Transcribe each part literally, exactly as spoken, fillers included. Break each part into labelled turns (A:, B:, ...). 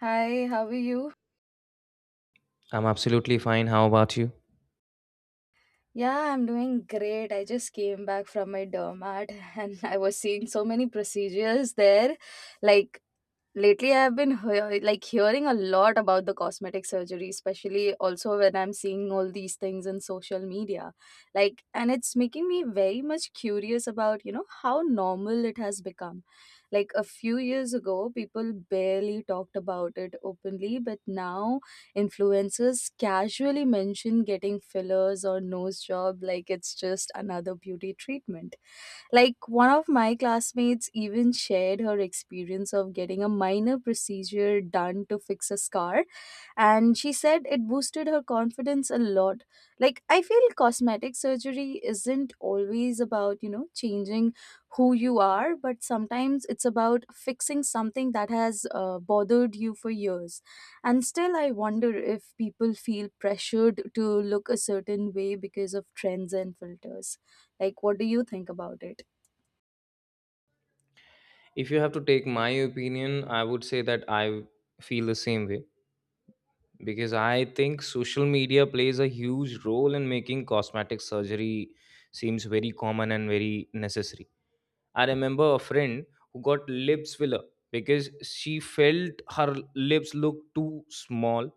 A: Hi, how are you?
B: I'm absolutely fine. How about you?
A: Yeah, I'm doing great. I just came back from my dermat and I was seeing so many procedures there. Like Lately, I've been hea- like hearing a lot about the cosmetic surgery, especially also when I'm seeing all these things in social media. Like, and it's making me very much curious about, you know, how normal it has become. Like a few years ago, people barely talked about it openly, but now influencers casually mention getting fillers or nose job like it's just another beauty treatment, like one of my classmates even shared her experience of getting a minor procedure done to fix a scar, and she said it boosted her confidence a lot. Like, I feel cosmetic surgery isn't always about, you know, changing who you are, but sometimes it's about fixing something that has uh, bothered you for years. And still, I wonder if people feel pressured to look a certain way because of trends and filters. Like, what do you think about it?
B: If you have to take my opinion, I would say that I feel the same way because I think social media plays a huge role in making cosmetic surgery seems very common and very necessary. I remember a friend who got lips filler because she felt her lips looked too small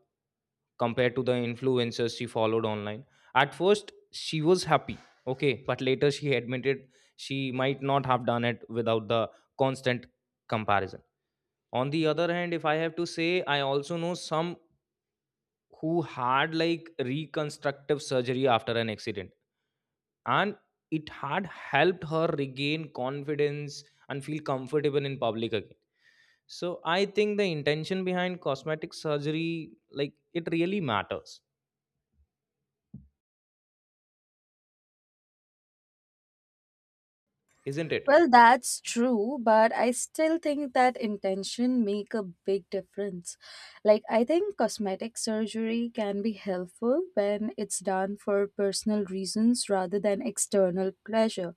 B: compared to the influencers she followed online. At first, she was happy, okay, but later she admitted she might not have done it without the constant comparison. On the other hand, if I have to say, I also know some who had like reconstructive surgery after an accident, and it had helped her regain confidence and feel comfortable in public again. So I think the intention behind cosmetic surgery, like it really matters, isn't it?
A: Well, that's true, but I still think that intention make a big difference. Like I think cosmetic surgery can be helpful when it's done for personal reasons rather than external pleasure.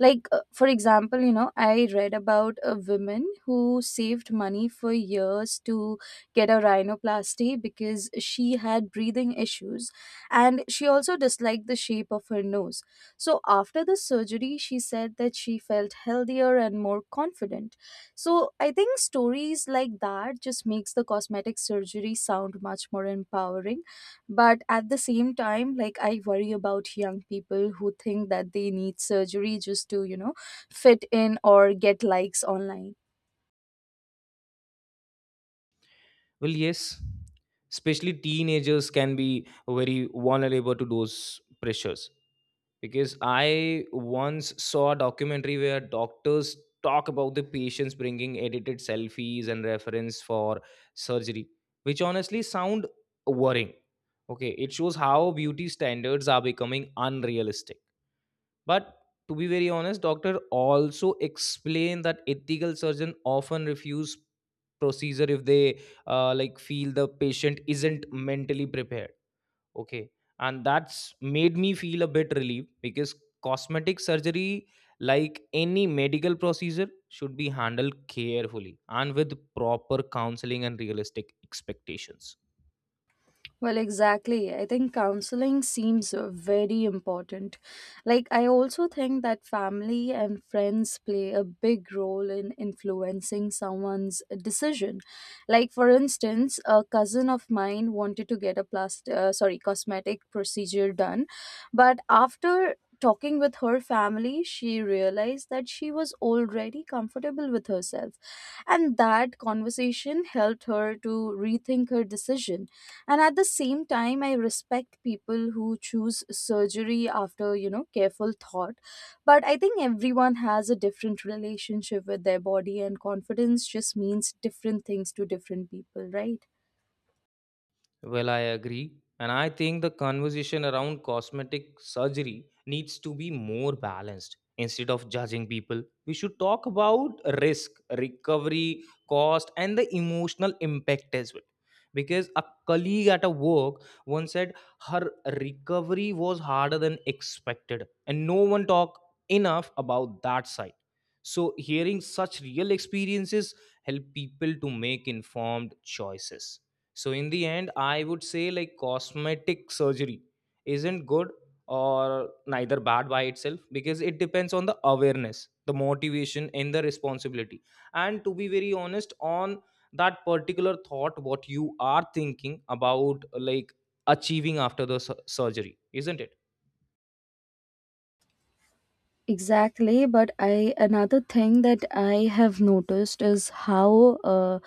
A: Like uh, for example, you know, I read about a woman who saved money for years to get a rhinoplasty because she had breathing issues, and she also disliked the shape of her nose. So after the surgery she said that she felt healthier and more confident. So I think stories like that just makes the cosmetic surgery sound much more empowering, but at the same time, like I worry about young people who think that they need surgery just to, you know, fit in or get likes online.
B: Well, yes, especially teenagers can be very vulnerable to those pressures. Because I once saw a documentary where doctors talk about the patients bringing edited selfies and reference for surgery, which honestly sound worrying. Okay, it shows how beauty standards are becoming unrealistic, but to be very honest, doctor also explained that ethical surgeon often refuse procedure if they uh, like feel the patient isn't mentally prepared. Okay, and that's made me feel a bit relieved because cosmetic surgery, like any medical procedure, should be handled carefully and with proper counseling and realistic expectations.
A: Well, exactly. I think counseling seems uh, very important. Like, I also think that family and friends play a big role in influencing someone's decision. Like, for instance, a cousin of mine wanted to get a plastic, uh, sorry, cosmetic procedure done, but after talking with her family, she realized that she was already comfortable with herself, and that conversation helped her her to rethink her decision. And at the same time, I respect people who choose surgery after, you know, careful thought. But I think everyone has a different relationship with their body, and confidence just means different things to different people, right?
B: Well, I agree. And I think the conversation around cosmetic surgery needs to be more balanced. Instead of judging people, we should talk about risk, recovery, cost, and the emotional impact as well. Because a colleague at a work once said her recovery was harder than expected, and no one talked enough about that side. So, hearing such real experiences help people to make informed choices. So in the end, I would say like cosmetic surgery isn't good or neither bad by itself, because it depends on the awareness, the motivation, and the responsibility. And to be very honest, on that particular thought, what you are thinking about like achieving after the su- surgery, isn't it?
A: Exactly, but I another thing that I have noticed is how uh,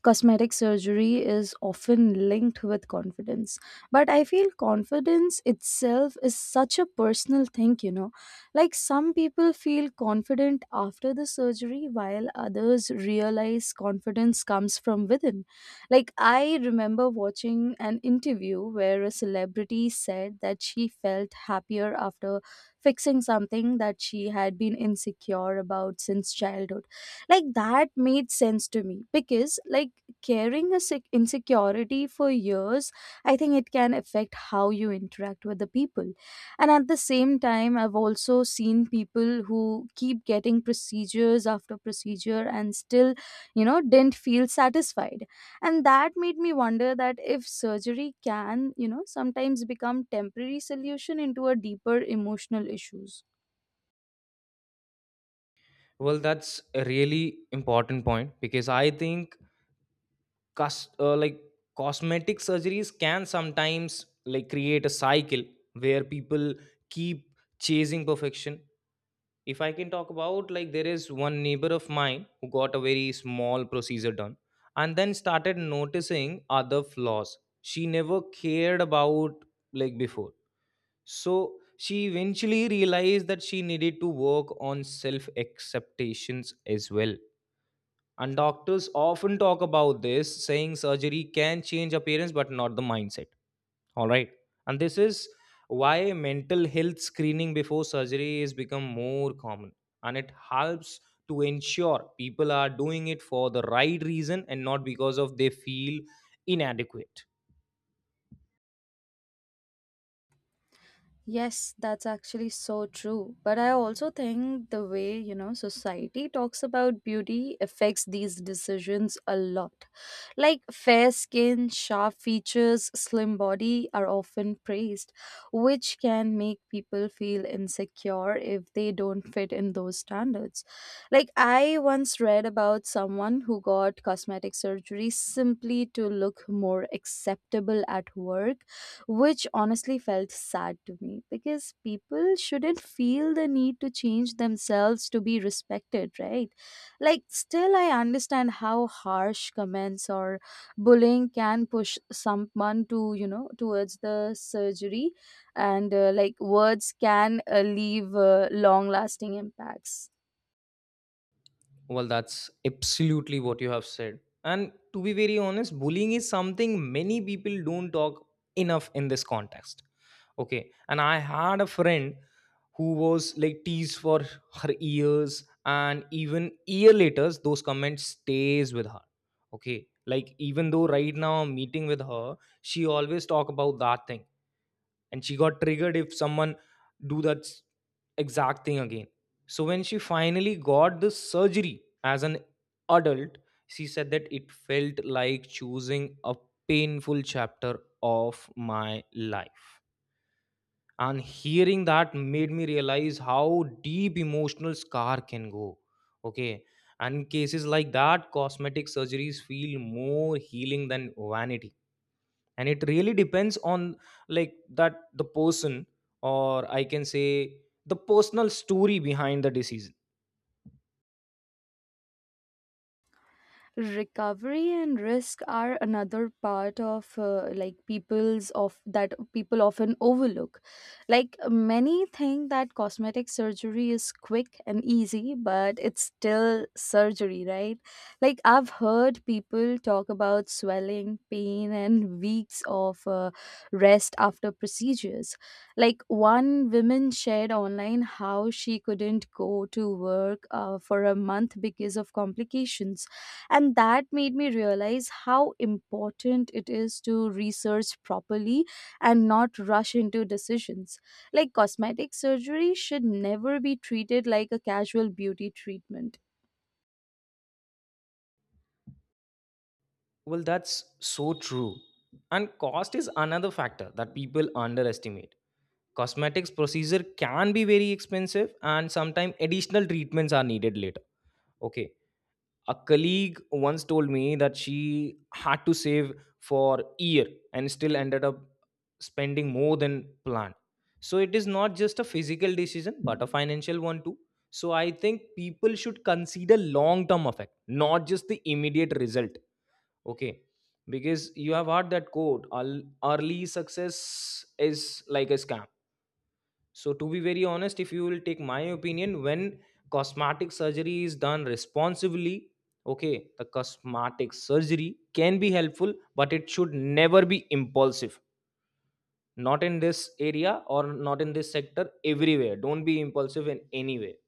A: cosmetic surgery is often linked with confidence. But I feel confidence itself is such a personal thing, you know. Like some people feel confident after the surgery, while others realize confidence comes from within. Like I remember watching an interview where a celebrity said that she felt happier after fixing something that she had been insecure about since childhood. Like that made sense to me because like carrying a sick insecurity for years, I think it can affect how you interact with the people. And at the same time, I've also seen people who keep getting procedures after procedure and still, you know, didn't feel satisfied, and that made me wonder that if surgery can, you know, sometimes become temporary solution into a deeper emotional issues.
B: Well, that's a really important point because I think cos- uh, like cosmetic surgeries can sometimes like create a cycle where people keep chasing perfection. If I can talk about, like, there is one neighbor of mine who got a very small procedure done and then started noticing other flaws she never cared about like before. So she eventually realized that she needed to work on self acceptations as well, and doctors often talk about this, saying surgery can change appearance but not the mindset. All right. And this is why mental health screening before surgery is become more common, and it helps to ensure people are doing it for the right reason and not because of they feel inadequate.
A: Yes, that's actually so true. But I also think the way, you know, society talks about beauty affects these decisions a lot. Like fair skin, sharp features, slim body are often praised, which can make people feel insecure if they don't fit in those standards. Like I once read about someone who got cosmetic surgery simply to look more acceptable at work, which honestly felt sad to me because people shouldn't feel the need to change themselves to be respected, right? Like, still, I understand how harsh comments or bullying can push someone to, you know, towards the surgery, and uh, like words can uh, leave uh, long lasting impacts.
B: Well, that's absolutely what you have said. And to be very honest, bullying is something many people don't talk enough in this context. Okay. And I had a friend who was like teased for her years, and even year later those comments stays with her. Okay. Like even though right now I'm meeting with her, she always talk about that thing, and she got triggered if someone do that s- exact thing again. So when she finally got the surgery as an adult, she said that it felt like choosing a painful chapter of my life. And hearing that made me realize how deep emotional scar can go. Okay. And in cases like that, cosmetic surgeries feel more healing than vanity, and it really depends on, like, that the person, or I can say the personal story behind the decision.
A: Recovery and risk are another part of uh, like people's of that people often overlook. Like many think that cosmetic surgery is quick and easy, but it's still surgery, right? Like I've heard people talk about swelling, pain, and weeks of uh, rest after procedures. Like one woman shared online how she couldn't go to work uh, for a month because of complications, and that made me realize how important it is to research properly and not rush into decisions. Like cosmetic surgery should never be treated like a casual beauty treatment.
B: Well, that's so true. And cost is another factor that people underestimate. Cosmetics procedure can be very expensive and sometimes additional treatments are needed later. Okay, a colleague once told me that she had to save for a year and still ended up spending more than planned. So it is not just a physical decision but a financial one too. So I think people should consider long term effect, not just the immediate result. Okay, because you have heard that quote, "Earl- early success is like a scam. So, to be very honest, if you will take my opinion, when cosmetic surgery is done responsibly, okay, the cosmetic surgery can be helpful, but it should never be impulsive. Not in this area or not in this sector, everywhere. Don't be impulsive in any way.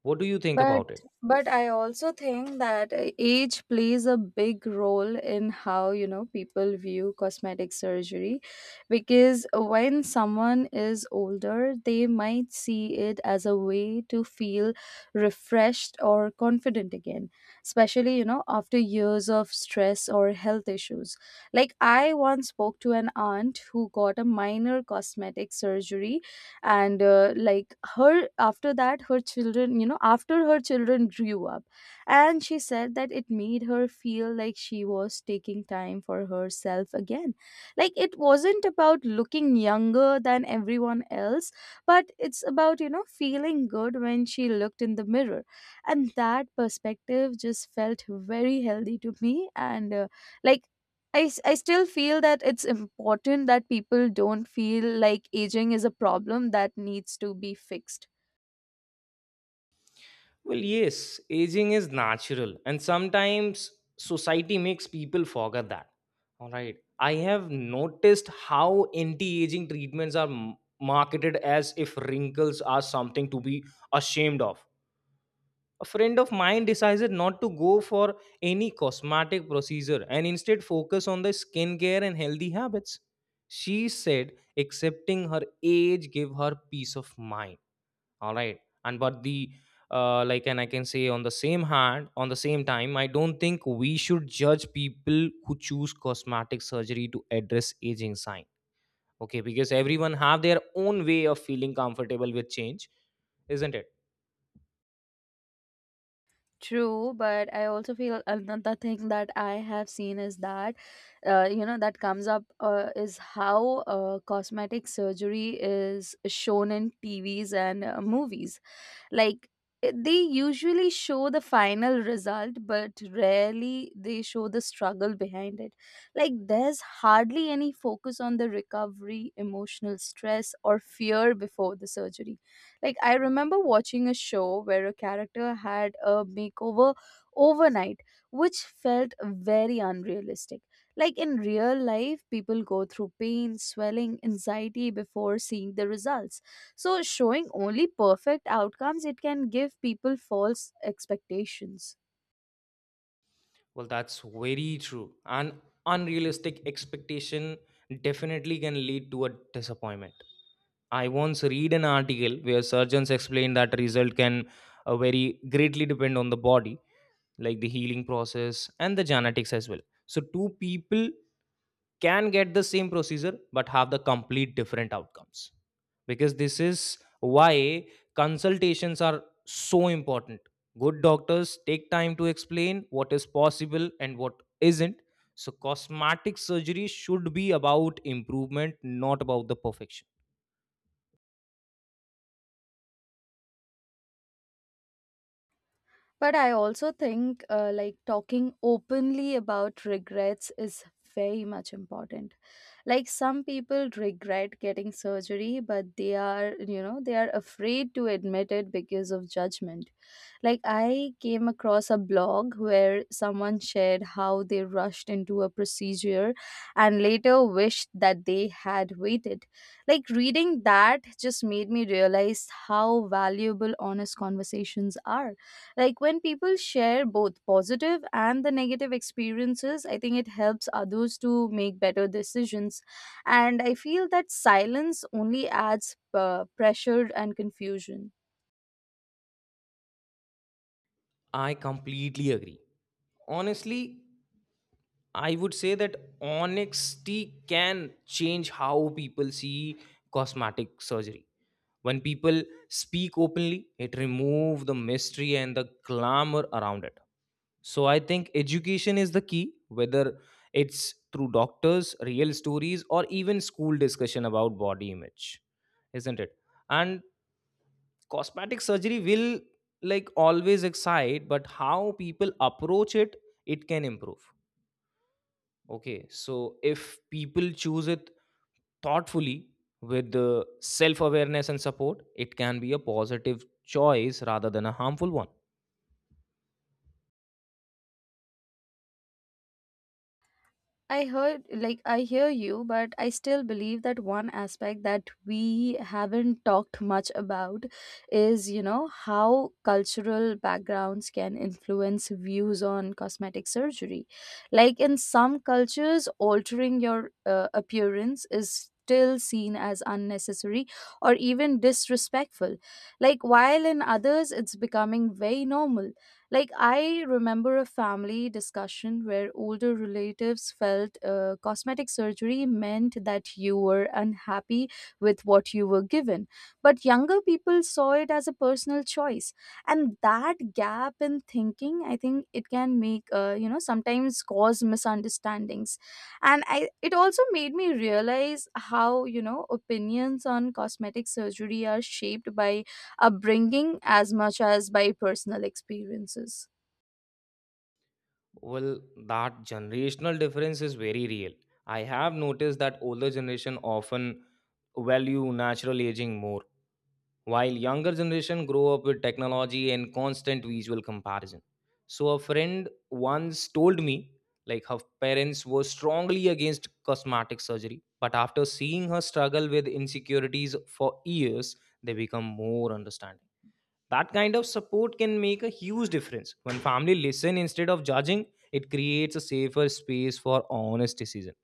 B: What do you think
A: But
B: about it?
A: but I also think that uh, age plays a big role in how, you know, people view cosmetic surgery, because when someone is older they might see it as a way to feel refreshed or confident again, especially, you know, after years of stress or health issues. Like I once spoke to an aunt who got a minor cosmetic surgery, and uh, like her after that her children you know after her children grew up, and she said that it made her feel like she was taking time for herself again. Like it wasn't about looking younger than everyone else, but it's about, you know, feeling good when she looked in the mirror. And that perspective just felt very healthy to me, and uh, like I, s- I still feel that it's important that people don't feel like aging is a problem that needs to be fixed.
B: Well, yes, aging is natural, and sometimes society makes people forget that. All right. I have noticed how anti aging treatments are m- marketed as if wrinkles are something to be ashamed of. A friend of mine decided not to go for any cosmetic procedure and instead focus on the skincare and healthy habits. She said accepting her age gave her peace of mind. All right. And but the uh, like and I can say on the same hand on the same time I don't think we should judge people who choose cosmetic surgery to address aging sign. Okay, because everyone have their own way of feeling comfortable with change, isn't it?
A: True, but I also feel another thing that I have seen is that, uh, you know, that comes up uh, is how uh, cosmetic surgery is shown in T Vs and uh, movies. like eh, they usually show the final result, but rarely they show the struggle behind it. Like there's hardly any focus on the recovery, emotional stress, or fear before the surgery. Like I remember watching a show where a character had a makeover overnight, which felt very unrealistic. Like in real life people go through pain, swelling, anxiety before seeing the results. So showing only perfect outcomes, it can give people false expectations.
B: Well, that's very true, and unrealistic expectation definitely can lead to a disappointment. I once read an article where surgeons explain that result can uh, very greatly depend on the body, like the healing process and the genetics as well. So two people can get the same procedure but have the complete different outcomes. Because this is why consultations are so important. Good doctors take time to explain what is possible and what isn't. So cosmetic surgery should be about improvement, not about the perfection.
A: But I also think uh, like talking openly about regrets is very much important. Like some people regret getting surgery, but they are, you know, they are afraid to admit it because of judgment. Like, I came across a blog where someone shared how they rushed into a procedure and later wished that they had waited. Like, reading that just made me realize how valuable honest conversations are. Like, when people share both positive and the negative experiences, I think it helps others to make better decisions. And I feel that silence only adds uh, pressure and confusion.
B: I completely agree. Honestly, I would say that honesty can change how people see cosmetic surgery. When people speak openly, it removes the mystery and the glamour around it. So I think education is the key, whether it's through doctors, real stories, or even school discussion about body image, isn't it? And cosmetic surgery will like always excite, but how people approach it, it can improve. Okay, so if people choose it thoughtfully with the self awareness and support, it can be a positive choice rather than a harmful one.
A: I heard, like, I hear you, but I still believe that one aspect that we haven't talked much about is, you know, how cultural backgrounds can influence views on cosmetic surgery. Like, in some cultures, altering your uh, appearance is still seen as unnecessary or even disrespectful. Like, while in others, it's becoming very normal. Like, I remember a family discussion where older relatives felt uh, cosmetic surgery meant that you were unhappy with what you were given, but younger people saw it as a personal choice. And that gap in thinking, I think it can make, uh, you know, sometimes cause misunderstandings. And I, it also made me realize how, you know, opinions on cosmetic surgery are shaped by upbringing as much as by personal experiences.
B: Well, that generational difference is very real. I have noticed that older generation often value natural aging more, while younger generation grow up with technology and constant visual comparison. So a friend once told me like her parents were strongly against cosmetic surgery, but after seeing her struggle with insecurities for years, they become more understanding. That kind of support can make a huge difference. When family listen instead of judging, it creates a safer space for honest decision.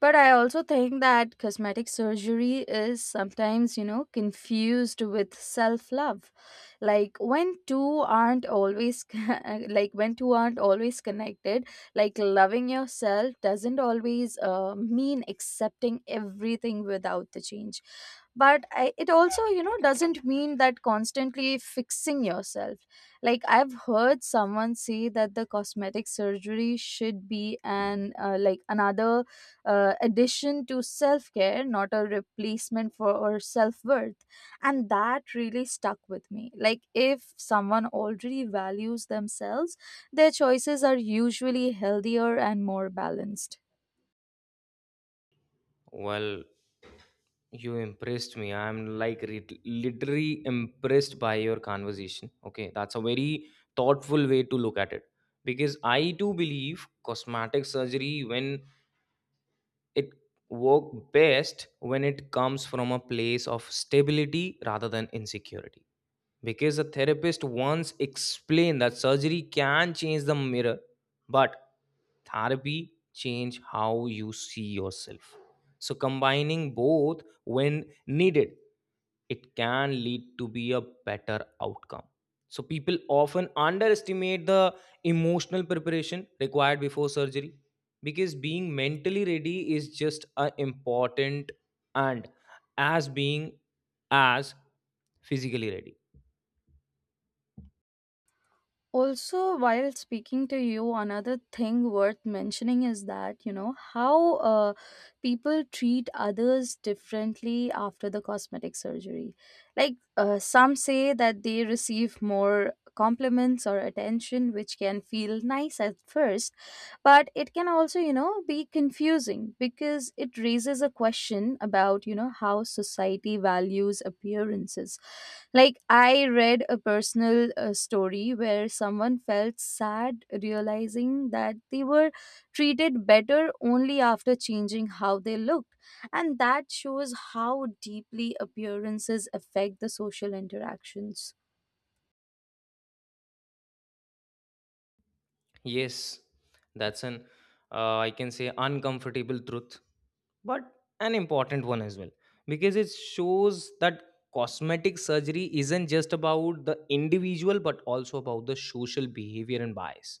A: But I also think that cosmetic surgery is sometimes, you know, confused with self love. Like when two aren't always, like when two aren't always connected, like loving yourself doesn't always uh, mean accepting everything without the change. But I, it also, you know, doesn't mean that constantly fixing yourself. Like I've heard someone say that the cosmetic surgery should be an, uh, like another uh, addition to self care, not a replacement for self worth. And that really stuck with me. Like, if someone already values themselves, their choices are usually healthier and more balanced.
B: Well, you impressed me. I'm like re- literally impressed by your conversation. Okay, that's a very thoughtful way to look at it, because I too believe cosmetic surgery, when it work, best when it comes from a place of stability rather than insecurity. Because the therapist once explained that surgery can change the mirror, but therapy change how you see yourself. So combining both, when needed, it can lead to be a better outcome. So people often underestimate the emotional preparation required before surgery, because being mentally ready is just as important and as being as physically ready.
A: Also, while speaking to you, another thing worth mentioning is that, you know, how uh, people treat others differently after the cosmetic surgery. Like, uh, some say that they receive more compliments or attention, which can feel nice at first, but it can also, you know, be confusing because it raises a question about, you know, how society values appearances. Like I read a personal uh, story where someone felt sad realizing that they were treated better only after changing how they looked, and that shows how deeply appearances affect the social interactions.
B: Yes, that's an uh, I can say uncomfortable truth, but an important one as well, because it shows that cosmetic surgery isn't just about the individual but also about the social behavior and bias.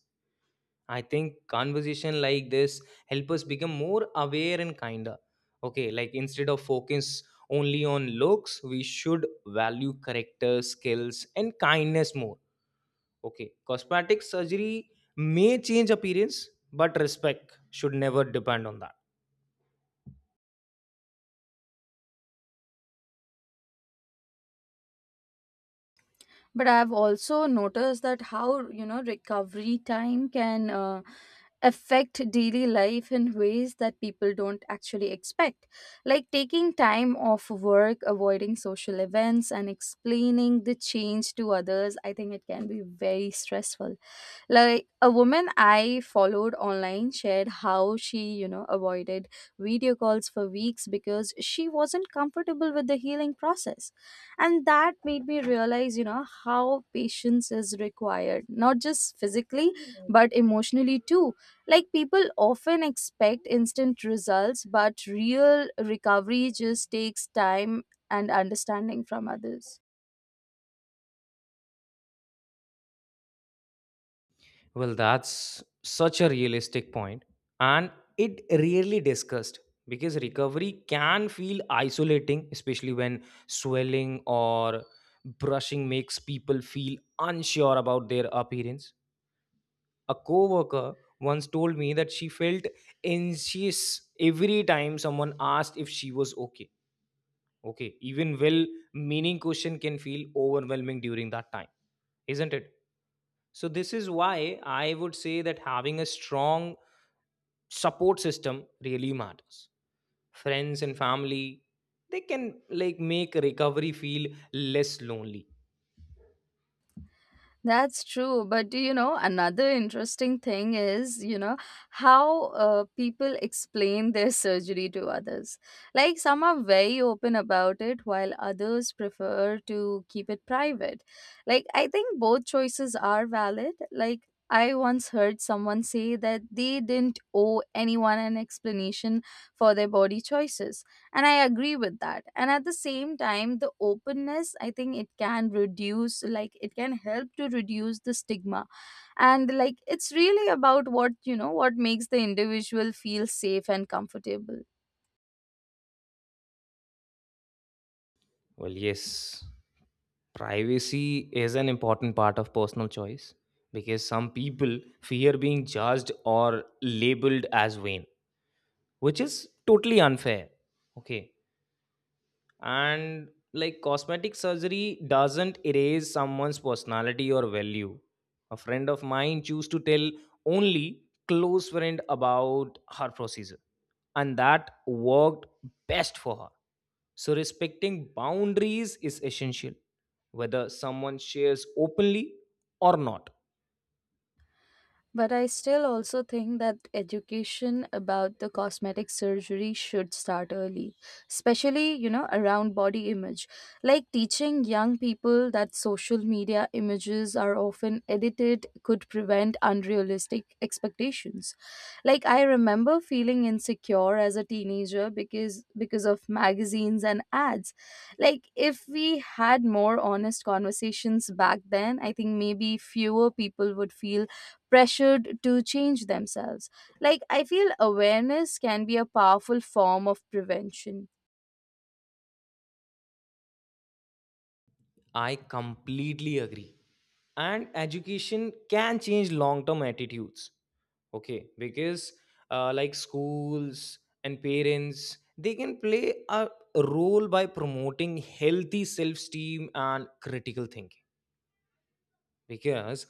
B: I think conversation like this help us become more aware and kinder. Okay, like instead of focus only on looks, we should value character skills and kindness more. Okay, cosmetic surgery may change appearance, but respect should never depend on that.
A: But I've also noticed that how, you know, recovery time can uh, affect daily life in ways that people don't actually expect. Like taking time off work, avoiding social events, and explaining the change to others, I think it can be very stressful. Like a woman I followed online shared how she, you know, avoided video calls for weeks because she wasn't comfortable with the healing process. And that made me realize, you know, how patience is required not just physically but emotionally too. Like people often expect instant results, but real recovery just takes time and understanding from others.
B: Well, that's such a realistic point, and it rarely discussed, because recovery can feel isolating, especially when swelling or brushing makes people feel unsure about their appearance. A coworker once told me that she felt anxious every time someone asked if she was okay. Okay, even well-meaning question can feel overwhelming during that time, isn't it? So this is why I would say that having a strong support system really matters. Friends and family, they can like make recovery feel less lonely.
A: That's true. But do you know, another interesting thing is, you know, how uh, people explain their surgery to others. Like, some are very open about it, while others prefer to keep it private. Like, I think both choices are valid. Like, I once heard someone say that they didn't owe anyone an explanation for their body choices. And I agree with that, and at the same time the openness, I think it can reduce like it can help to reduce the stigma. And like it's really about what you know what makes the individual feel safe and comfortable.
B: Well, yes, privacy is an important part of personal choice, because some people fear being judged or labeled as vain, which is totally unfair. Okay. And like cosmetic surgery doesn't erase someone's personality or value. A friend of mine chose to tell only close friend about her procedure, and that worked best for her. So respecting boundaries is essential, whether someone shares openly or not.
A: But I still also think that education about the cosmetic surgery should start early, especially, you know, around body image. Like teaching young people that social media images are often edited could prevent unrealistic expectations. Like I remember feeling insecure as a teenager because because of magazines and ads. Like if we had more honest conversations back then, I think maybe fewer people would feel pressured to change themselves. Like, I feel awareness can be a powerful form of prevention.
B: I completely agree. And education can change long term attitudes. Okay, because uh, like schools and parents, they can play a role by promoting healthy self esteem and critical thinking. Because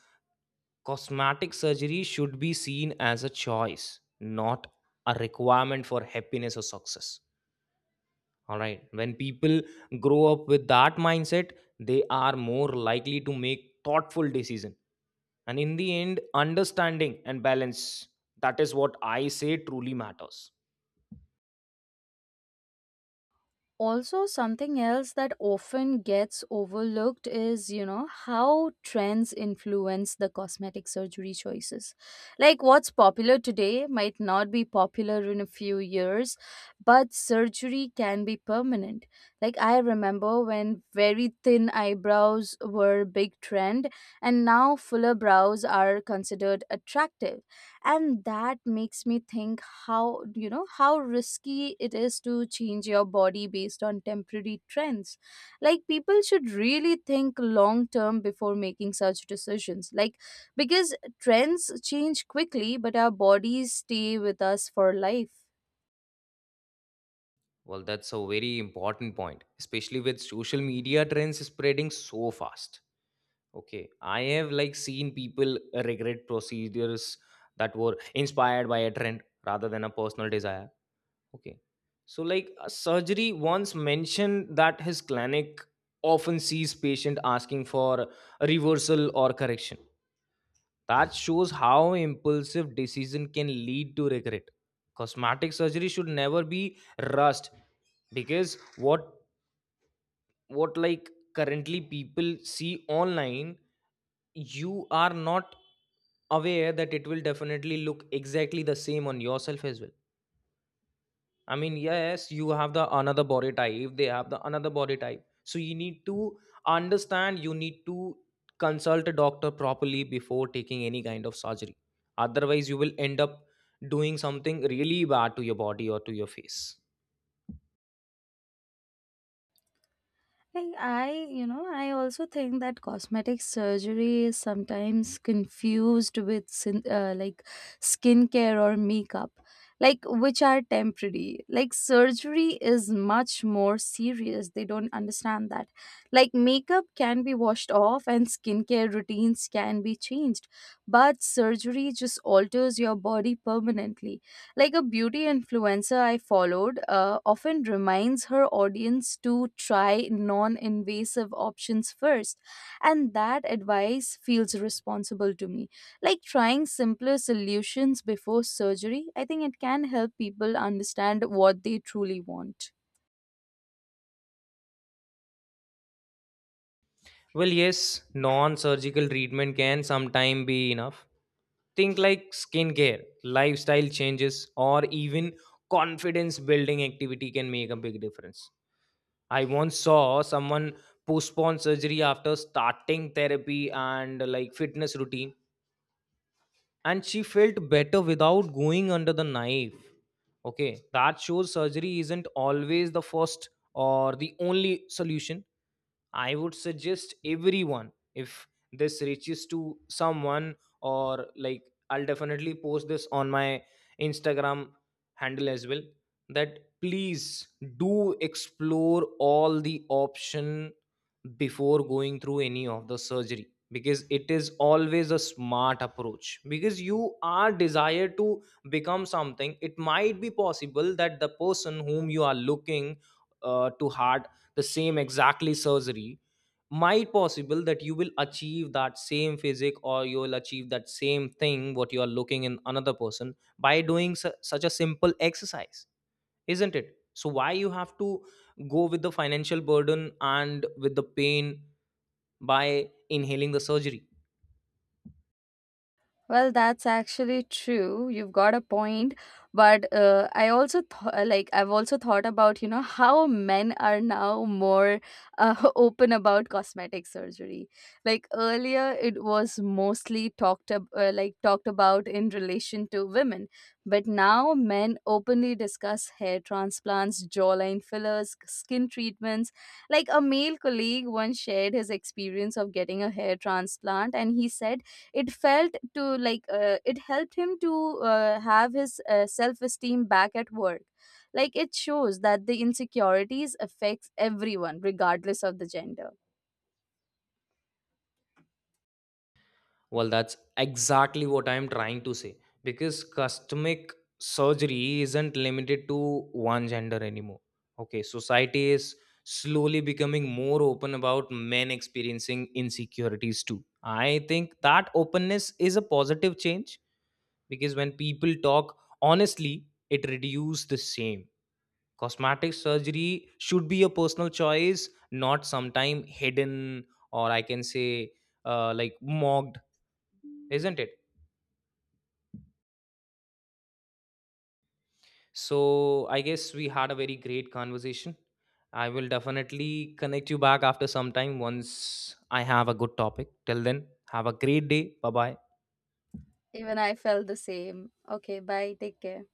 B: cosmetic surgery should be seen as a choice, not a requirement for happiness or success. All right, when people grow up with that mindset, they are more likely to make thoughtful decisions. And in the end, understanding and balance, that is what I say truly matters.
A: Also something else that often gets overlooked is, you know, how trends influence the cosmetic surgery choices. Like what's popular today might not be popular in a few years, but surgery can be permanent. Like I remember when very thin eyebrows were a big trend, and now fuller brows are considered attractive. And that makes me think how, you know how risky it is to change your body based on temporary trends. Like people should really think long term before making such decisions, like because trends change quickly but our bodies stay with us for life.
B: Well, that's a very important point, especially with social media trends spreading so fast. Okay, I have like seen people regret procedures that were inspired by a trend rather than a personal desire. Okay, so like a surgery once mentioned that his clinic often sees patient asking for a reversal or correction. That shows how impulsive decision can lead to regret. Cosmetic surgery should never be rushed, because what what like currently people see online, you are not aware that it will definitely look exactly the same on yourself as well. I mean, yes, you have the another body type, they have the another body type, so you need to understand, you need to consult a doctor properly before taking any kind of surgery. Otherwise you will end up doing something really bad to your body or to your face.
A: Like I, you know, I also think that cosmetic surgery is sometimes confused with skin- uh, like skincare or makeup, like which are temporary. Like surgery is much more serious. They don't understand that. Like makeup can be washed off and skincare routines can be changed, but surgery just alters your body permanently. Like a beauty influencer I followed uh, often reminds her audience to try non invasive options first. And that advice feels responsible to me. Like trying simpler solutions before surgery, I think it can help people understand what they truly want.
B: Well, yes, non surgical treatment can sometimes be enough. Think like skincare, lifestyle changes, or even confidence building activity can make a big difference. I once saw someone postpone surgery after starting therapy and like fitness routine, and she felt better without going under the knife. Okay, that shows surgery isn't always the first or the only solution. I would suggest everyone, if this reaches to someone or like, I'll definitely post this on my Instagram handle as well, that please do explore all the option before going through any of the surgery, because it is always a smart approach. Because you are desired to become something, it might be possible that the person whom you are looking uh, to hard the same exactly surgery, might possible that you will achieve that same physique, or you will achieve that same thing what you are looking in another person by doing su- such a simple exercise, isn't it? So why you have to go with the financial burden and with the pain by inhaling the surgery?
A: Well, that's actually true. You've got a point, but uh, I also th- like I've also thought about, you know, how men are now more uh, open about cosmetic surgery. Like earlier, it was mostly talked ab- uh, like talked about in relation to women, but now men openly discuss hair transplants, jawline fillers, skin treatments. Like a male colleague once shared his experience of getting a hair transplant, and he said it felt to like uh, it helped him to uh, have his uh, self-esteem back at work. Like it shows that the insecurities affects everyone regardless of the gender.
B: Well, that's exactly what I'm trying to say, because cosmetic surgery isn't limited to one gender anymore. Okay, society is slowly becoming more open about men experiencing insecurities too. I think that openness is a positive change, because when people talk honestly, it reduces the shame. Cosmetic surgery should be a personal choice, not sometime hidden, or I can say uh, like mocked, isn't it? So I guess we had a very great conversation. I will definitely connect you back after some time once I have a good topic. Till then, have a great day. Bye bye.
A: Even I felt the same. Okay, bye, take care.